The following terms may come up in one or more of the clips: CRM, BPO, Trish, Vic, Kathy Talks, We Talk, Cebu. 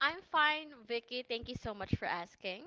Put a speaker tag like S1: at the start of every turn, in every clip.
S1: I'm fine, Vicky. Thank you so much for asking.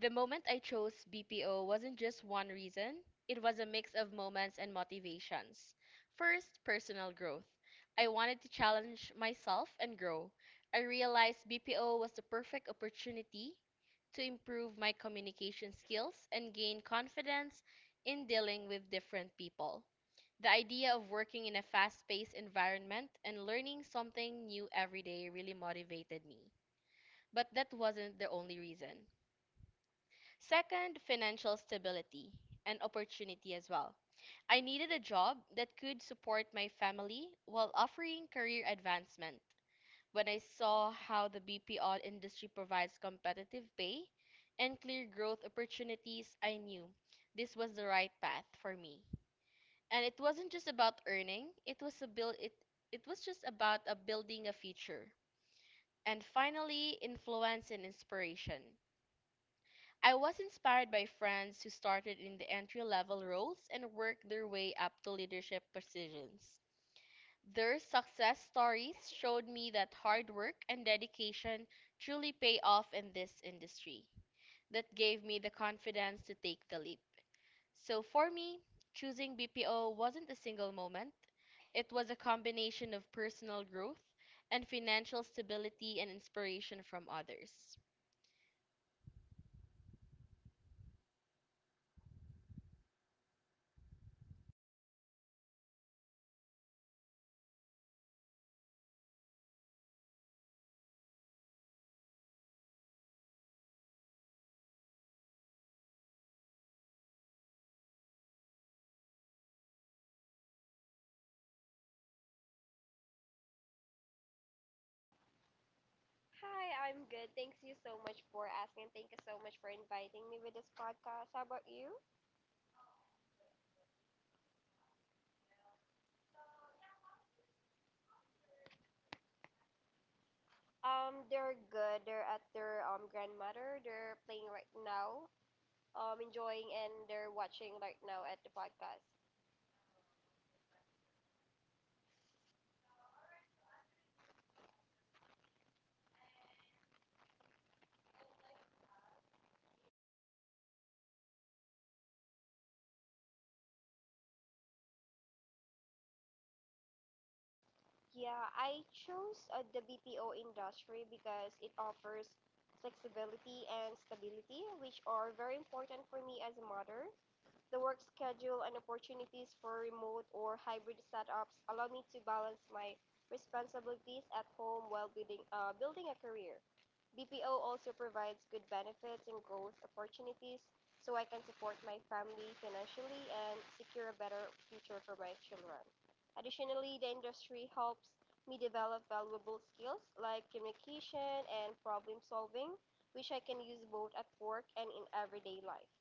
S1: The moment I chose BPO wasn't just one reason, it was a mix of moments and motivations. First, personal growth. I wanted to challenge myself and grow. I realized BPO was the perfect opportunity to improve my communication skills and gain confidence in dealing with different people. The idea of working in a fast paced environment and learning something new every day really motivated me. But that wasn't the only reason. Second, financial stability and opportunity as well. I needed a job that could support my family while offering career advancement. When I saw how the BPO industry provides competitive pay and clear growth opportunities, I knew this was the right path for me. And it wasn't just about earning, it was a build it it was just about a building a future. And finally, influence and inspiration. I was inspired by friends who started in the entry level roles and worked their way up to leadership positions. Their success stories showed me that hard work and dedication truly pay off in this industry. That gave me the confidence to take the leap. So for me, choosing BPO wasn't a single moment. It was a combination of personal growth and financial stability and inspiration from others.
S2: Hi, I'm good. Thanks you so much for asking. Thank you so much for inviting me with this podcast. How about you? They're good. They're at their grandmother. They're playing right now. Enjoying and they're watching right now at the podcast. Yeah, I chose the BPO industry because it offers flexibility and stability, which are very important for me as a mother. The work schedule, and opportunities for remote or hybrid setups allow me to balance my responsibilities at home while building a career. BPO also provides good benefits and growth opportunities so I can support my family financially and secure a better future for my children. Additionally, the industry helps me develop valuable skills like communication and problem solving, which I can use both at work and in everyday life.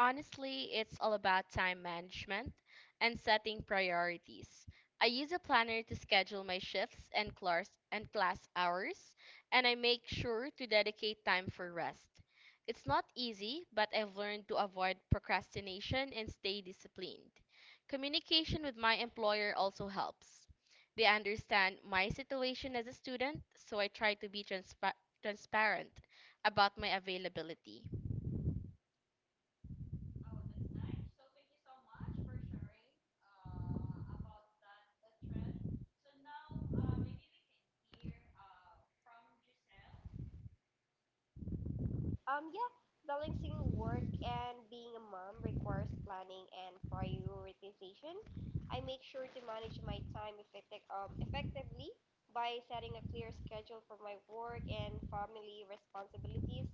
S1: Honestly, it's all about time management and setting priorities. I use a planner to schedule my shifts and class hours, and I make sure to dedicate time for rest. It's not easy, but I've learned to avoid procrastination and stay disciplined. Communication with my employer also helps. They understand my situation as a student, so I try to be transparent about my availability.
S2: Yeah, balancing work and being a mom requires planning and prioritization. I make sure to manage my time effectively by setting a clear schedule for my work and family responsibilities.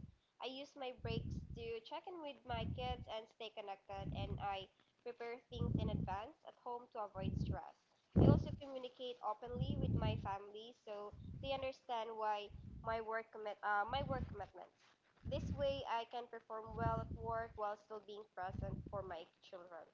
S2: I use my breaks to check in with my kids and stay connected, and I prepare things in advance at home to avoid stress. I also communicate openly with my family so they understand why my work commitments. This way, I can perform well at work while still being present for my children.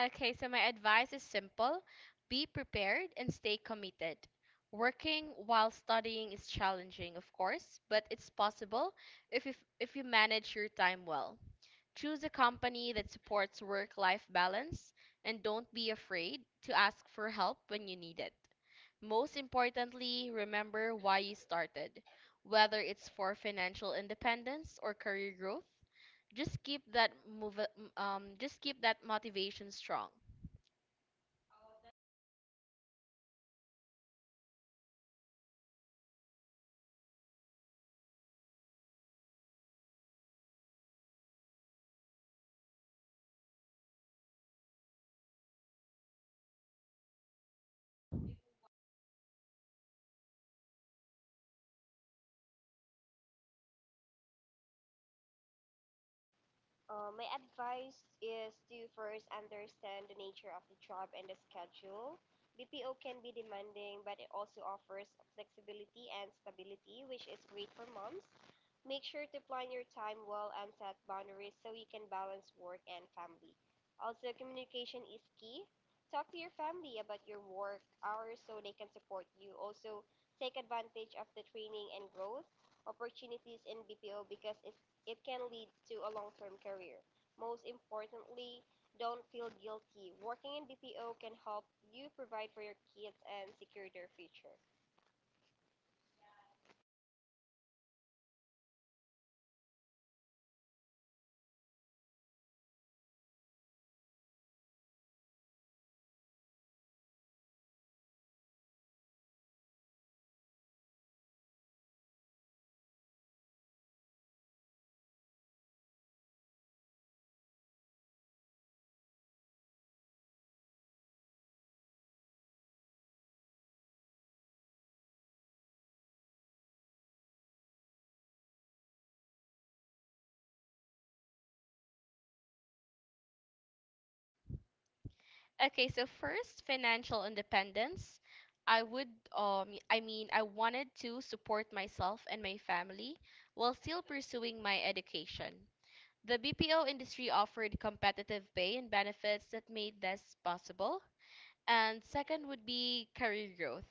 S1: Okay, so my advice is simple: be prepared and stay committed. Working while studying is challenging, of course, but it's possible if you manage your time well. Choose a company that supports work life balance and don't be afraid to ask for help when you need it. Most importantly, remember why you started, whether it's for financial independence or career growth. Just move, just keep that motivation strong.
S2: My advice is to first understand the nature of the job and the schedule. BPO can be demanding, but it also offers flexibility and stability, which is great for moms. Make sure to plan your time well and set boundaries so you can balance work and family. Also, communication is key. Talk to your family about your work hours so they can support you. Also, take advantage of the training and growth opportunities in BPO because it can lead to a long term career. Most importantly, don't feel guilty. Working in BPO can help you provide for your kids and secure their future.
S1: Okay, so first, financial independence. I would, I mean, I wanted to support myself and my family while still pursuing my education. The BPO industry offered competitive pay and benefits that made this possible. And second would be career growth.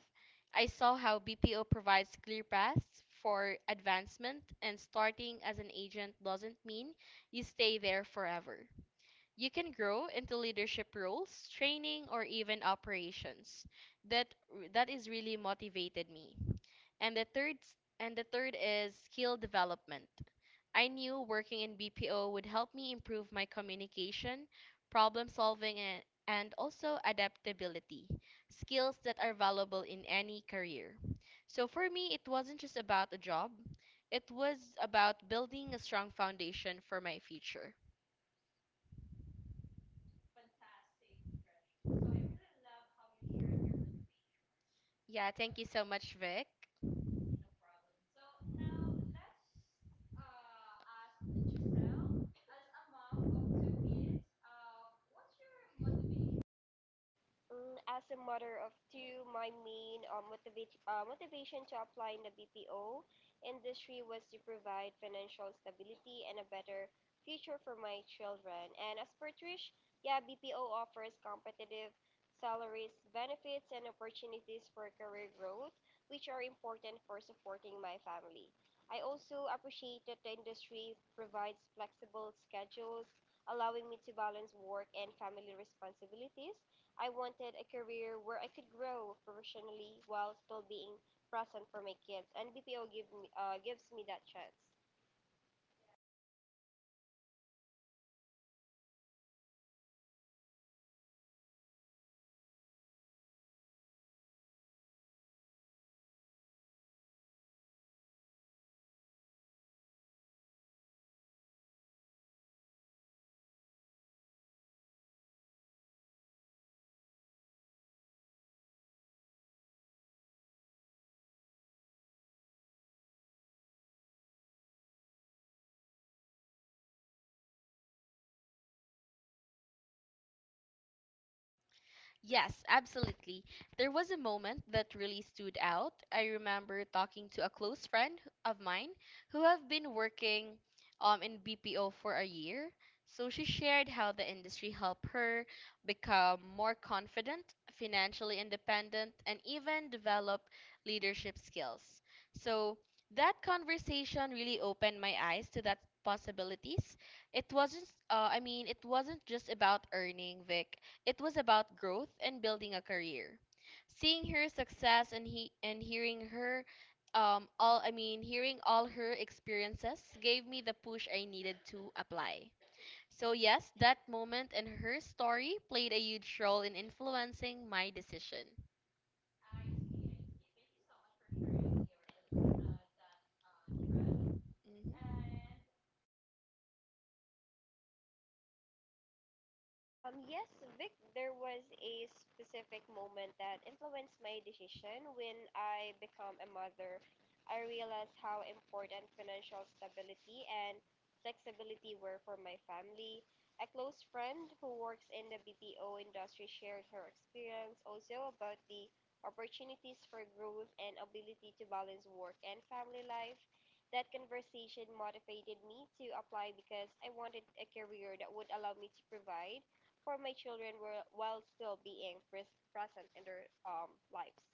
S1: I saw how BPO provides clear paths for advancement, and starting as an agent doesn't mean you stay there forever. You can grow into leadership roles, training, or even operations. That that is really motivated me. And the third and the third is skill development. I knew working in BPO would help me improve my communication, problem solving, and also adaptability, skills that are valuable in any career. So for me, it wasn't just about a job, it was about building a strong foundation for my future. Yeah, thank you so much, Vic.
S2: As a mother of two, my main motivation to apply in the BPO industry was to provide financial stability and a better future for my children. And as per Trish, yeah, BPO offers competitive salaries, benefits, and opportunities for career growth, which are important for supporting my family. I also appreciate that the industry provides flexible schedules, allowing me to balance work and family responsibilities. I wanted a career where I could grow professionally while still being present for my kids, and BPO gives me that chance.
S1: Yes, absolutely. There was a moment that really stood out. I remember talking to a close friend of mine who have been working in BPO for a year. So she shared how the industry helped her become more confident, financially independent, and even develop leadership skills. So that conversation really opened my eyes to that possibilities. It wasn't just about earning, Vic, it was about growth and building a career. Seeing her success and he and hearing her all I mean hearing all her experiences gave me the push I needed to apply. So yes, that moment and her story played a huge role in influencing my decision. Mhm.
S2: Yes, Vic, there was a specific moment that influenced my decision. When I become a mother, I realized how important financial stability and flexibility were for my family. A close friend who works in the BPO industry shared her experience also about the opportunities for growth and ability to balance work and family life. That conversation motivated me to apply because I wanted a career that would allow me to provide for my children while still being present in their lives.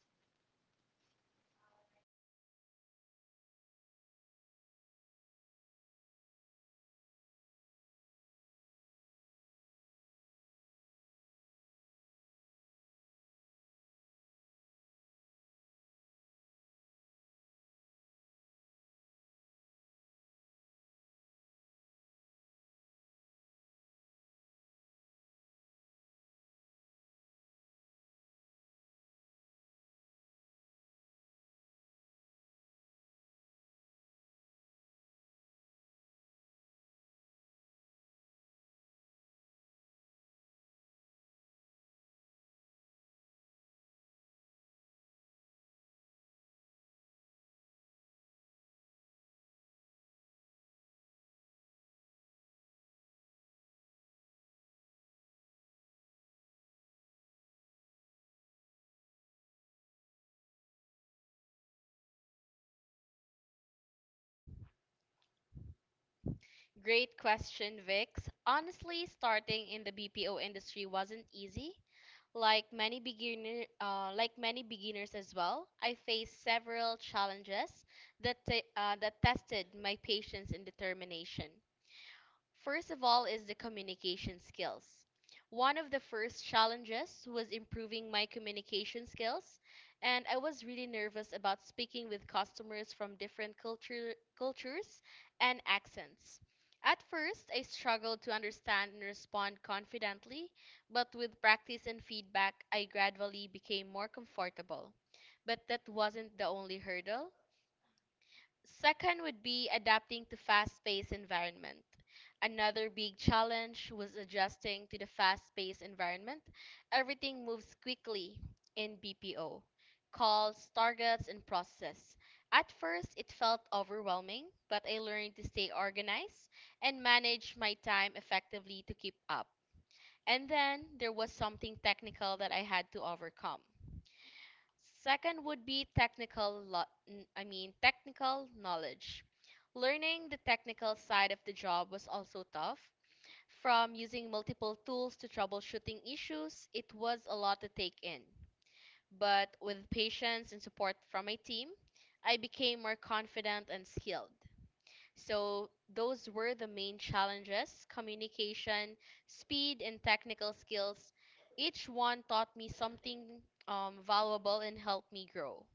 S1: Great question, Vix. Honestly, starting in the BPO industry wasn't easy. Like many beginners as well, I faced several challenges that that tested my patience and determination. First of all is the communication skills. One of the first challenges was improving my communication skills, and I was really nervous about speaking with customers from different cultures and accents. At first, I struggled to understand and respond confidently, but with practice and feedback, I gradually became more comfortable. But that wasn't the only hurdle. Second would be adapting to fast-paced environment. Another big challenge was adjusting to the fast-paced environment. Everything moves quickly in BPO. Calls, targets, and processes. At first, it felt overwhelming, but I learned to stay organized and manage my time effectively to keep up. And then there was something technical that I had to overcome. Second would be technical lo- n- I mean technical knowledge. Learning the technical side of the job was also tough. From using multiple tools to troubleshooting issues, it was a lot to take in. But with patience and support from my team, I became more confident and skilled. So, those were the main challenges: communication, speed, and technical skills. Each one taught me something valuable and helped me grow.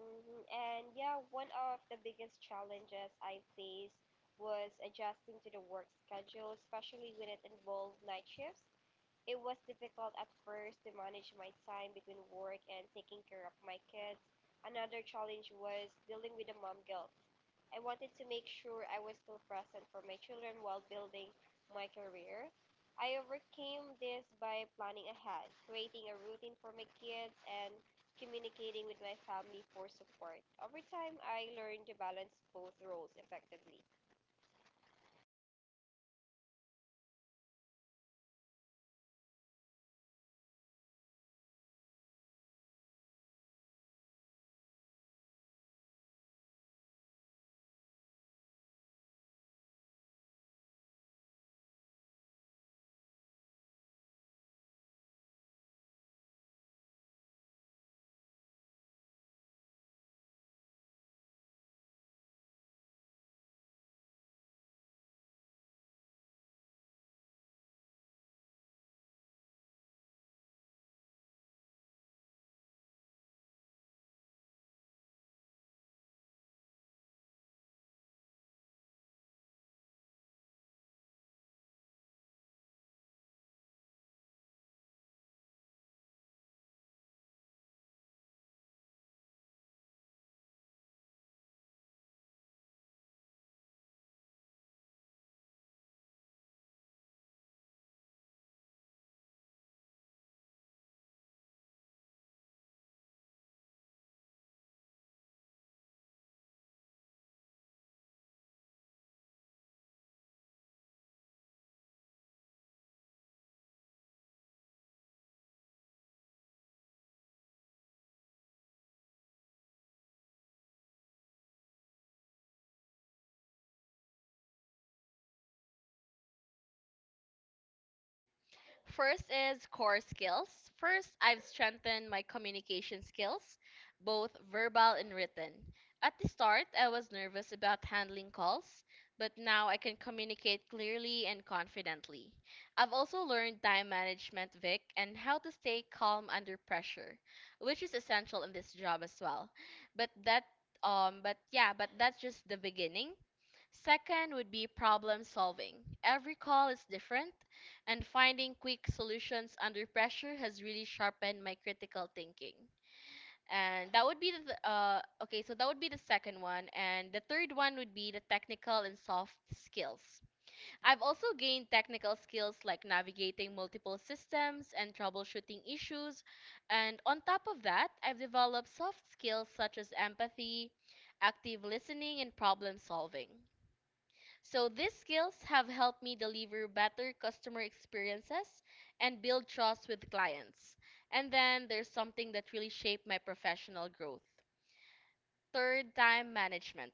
S2: Mhm. And yeah, one of the biggest challenges I faced was adjusting to the work schedule, especially when it involved night shifts. It was difficult at first to manage my time between work and taking care of my kids. Another challenge was dealing with the mom guilt. I wanted to make sure I was still present for my children while building my career. I overcame this by planning ahead, creating a routine for my kids, and communicating with my family for support. Over time, I learned to balance both roles effectively.
S1: First is core skills. First, I've strengthened my communication skills, both verbal and written. At the start, I was nervous about handling calls, but now I can communicate clearly and confidently. I've also learned time management, Vic, and how to stay calm under pressure, which is essential in this job as well. But that but that's just the beginning. Second would be problem solving. Every call is different, and finding quick solutions under pressure has really sharpened my critical thinking. And that would be the th- okay, so that would be the second one, and the third one would be the technical and soft skills. I've also gained technical skills like navigating multiple systems and troubleshooting issues, and on top of that, I've developed soft skills such as empathy, active listening, and problem solving. So these skills have helped me deliver better customer experiences and build trust with clients. And then there's something that really shaped my professional growth. Third, time management.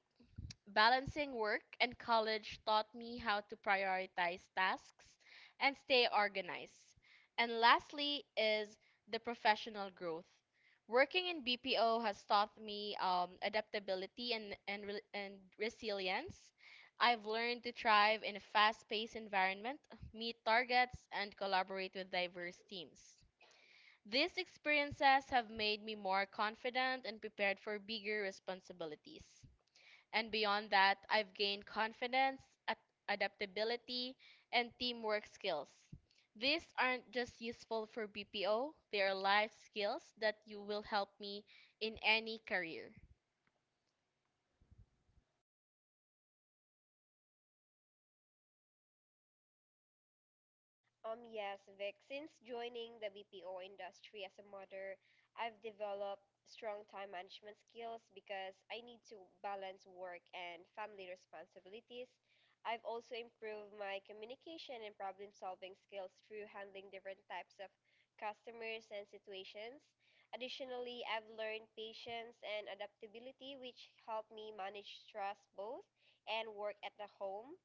S1: Balancing work and college taught me how to prioritize tasks and stay organized. And lastly is the professional growth. Working in BPO has taught me adaptability and resilience. I've learned to thrive in a fast paced environment, meet targets, and collaborate with diverse teams. These experiences have made me more confident and prepared for bigger responsibilities. And beyond that, I've gained confidence, ad- adaptability, and teamwork skills. These aren't just useful for BPO, they are life skills that you will help me in any career.
S2: Yes, Vic. Since joining the BPO industry as a mother, I've developed strong time management skills because I need to balance work and family responsibilities. I've also improved my communication and problem solving skills through handling different types of customers and situations. Additionally, I've learned patience and adaptability, which help me manage stress both and work at the home.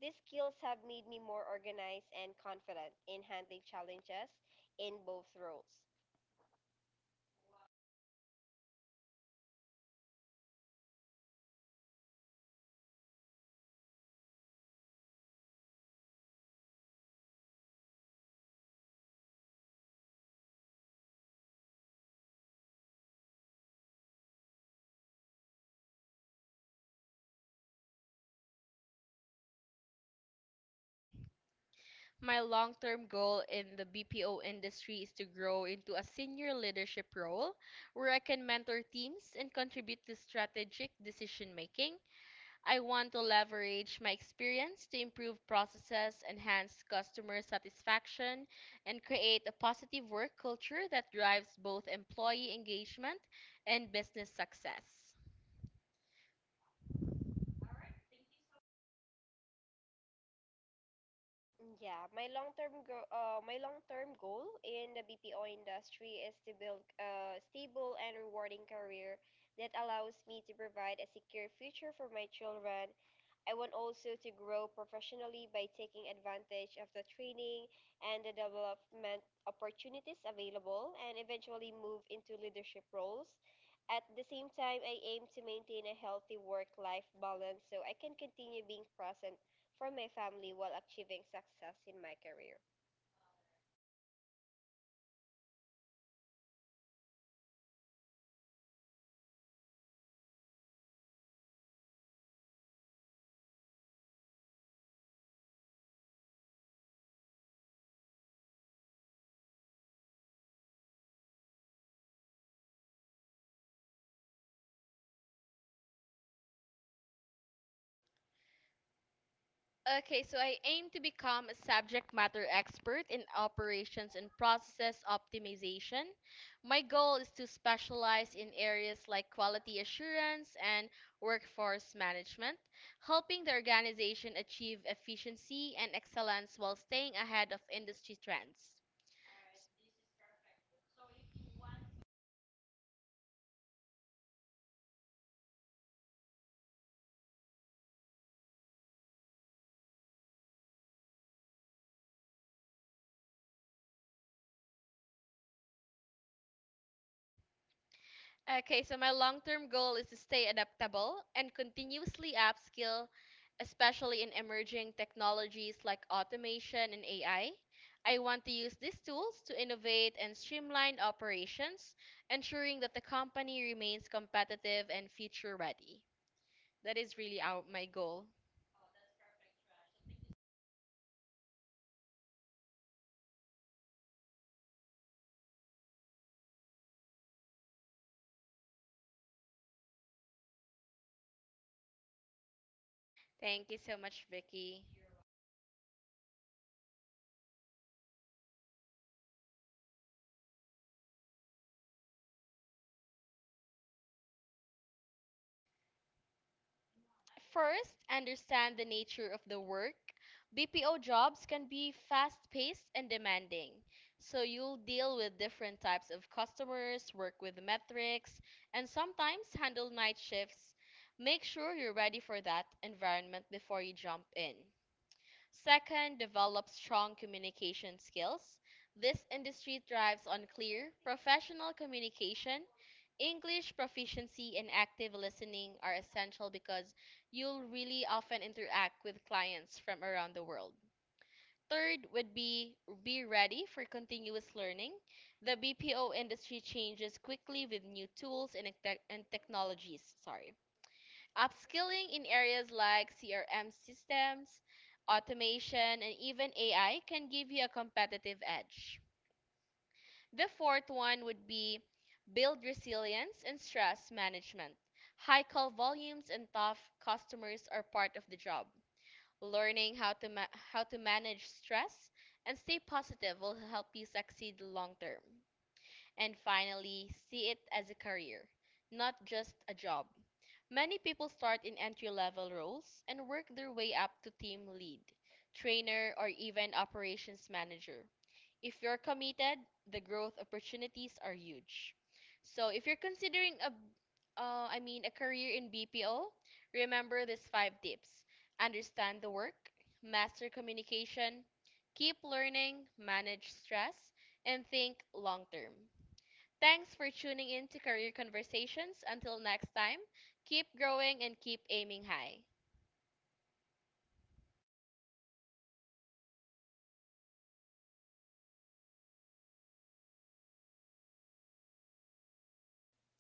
S2: These skills have made me more organized and confident in handling challenges in both roles.
S1: My long term goal in the BPO industry is to grow into a senior leadership role where I can mentor teams and contribute to strategic decision making. I want to leverage my experience to improve processes, enhance customer satisfaction, and create a positive work culture that drives both employee engagement and business success.
S2: Yeah, my long-term go my long-term goal in the BPO industry is to build a stable and rewarding career that allows me to provide a secure future for my children. I want also to grow professionally by taking advantage of the training and the development opportunities available and eventually move into leadership roles. At the same time, I aim to maintain a healthy work-life balance so I can continue being present for my family while achieving success in my career.
S1: Okay, so I aim to become a subject matter expert in operations and process optimization. My goal is to specialize in areas like quality assurance and workforce management, helping the organization achieve efficiency and excellence while staying ahead of industry trends. Okay, so my long term goal is to stay adaptable and continuously upskill, especially in emerging technologies like automation and AI. I want to use these tools to innovate and streamline operations, ensuring that the company remains competitive and future ready. That is really my goal. Thank you so much, Vicky. First, understand the nature of the work. BPO jobs can be fast paced and demanding, so you'll deal with different types of customers, work with metrics, and sometimes handle night shifts. Make sure you're ready for that environment before you jump in. Second, develop strong communication skills. This industry thrives on clear, professional communication. English proficiency and active listening are essential because you'll really often interact with clients from around the world. Third would be ready for continuous learning. The BPO industry changes quickly with new tools and technologies, sorry. Upskilling in areas like CRM systems, automation, and even AI can give you a competitive edge. The fourth one would be build resilience and stress management. High call volumes and tough customers are part of the job. Learning how to manage stress and stay positive will help you succeed long term. And finally, see it as a career, not just a job. Many people start in entry level roles and work their way up to team lead, trainer, or even operations manager. If you're committed, the growth opportunities are huge. So if you're considering a I mean a career in BPO, remember these five tips. Understand the work, master communication, keep learning, manage stress, and think long term. Thanks for tuning in to Career Conversations. Until next time, keep growing and keep aiming high.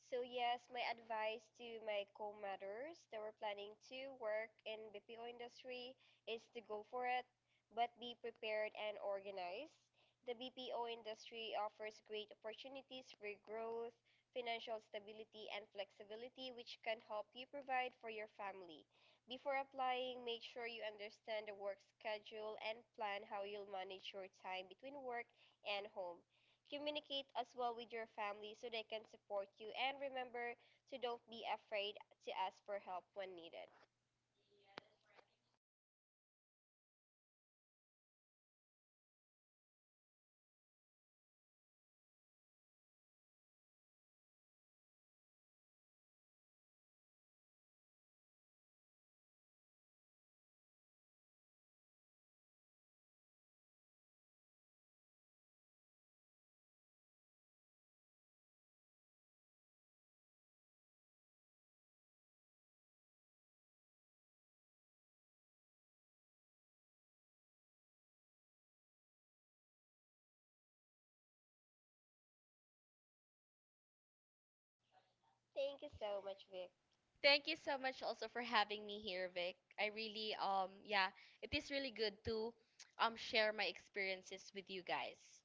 S2: So, yes, my advice to my co mothers that were planning to work in BPO industry is to go for it, but be prepared and organized. The BPO industry offers great opportunities for growth, financial stability, and flexibility, which can help you provide for your family. Before applying, make sure you understand the work schedule and plan how you'll manage your time between work and home. Communicate as well with your family so they can support you and remember to don't be afraid to ask for help when needed. Thank you so much, Vic.
S1: Thank you so much also for having me here, Vic. I really it is really good to share my experiences with you guys.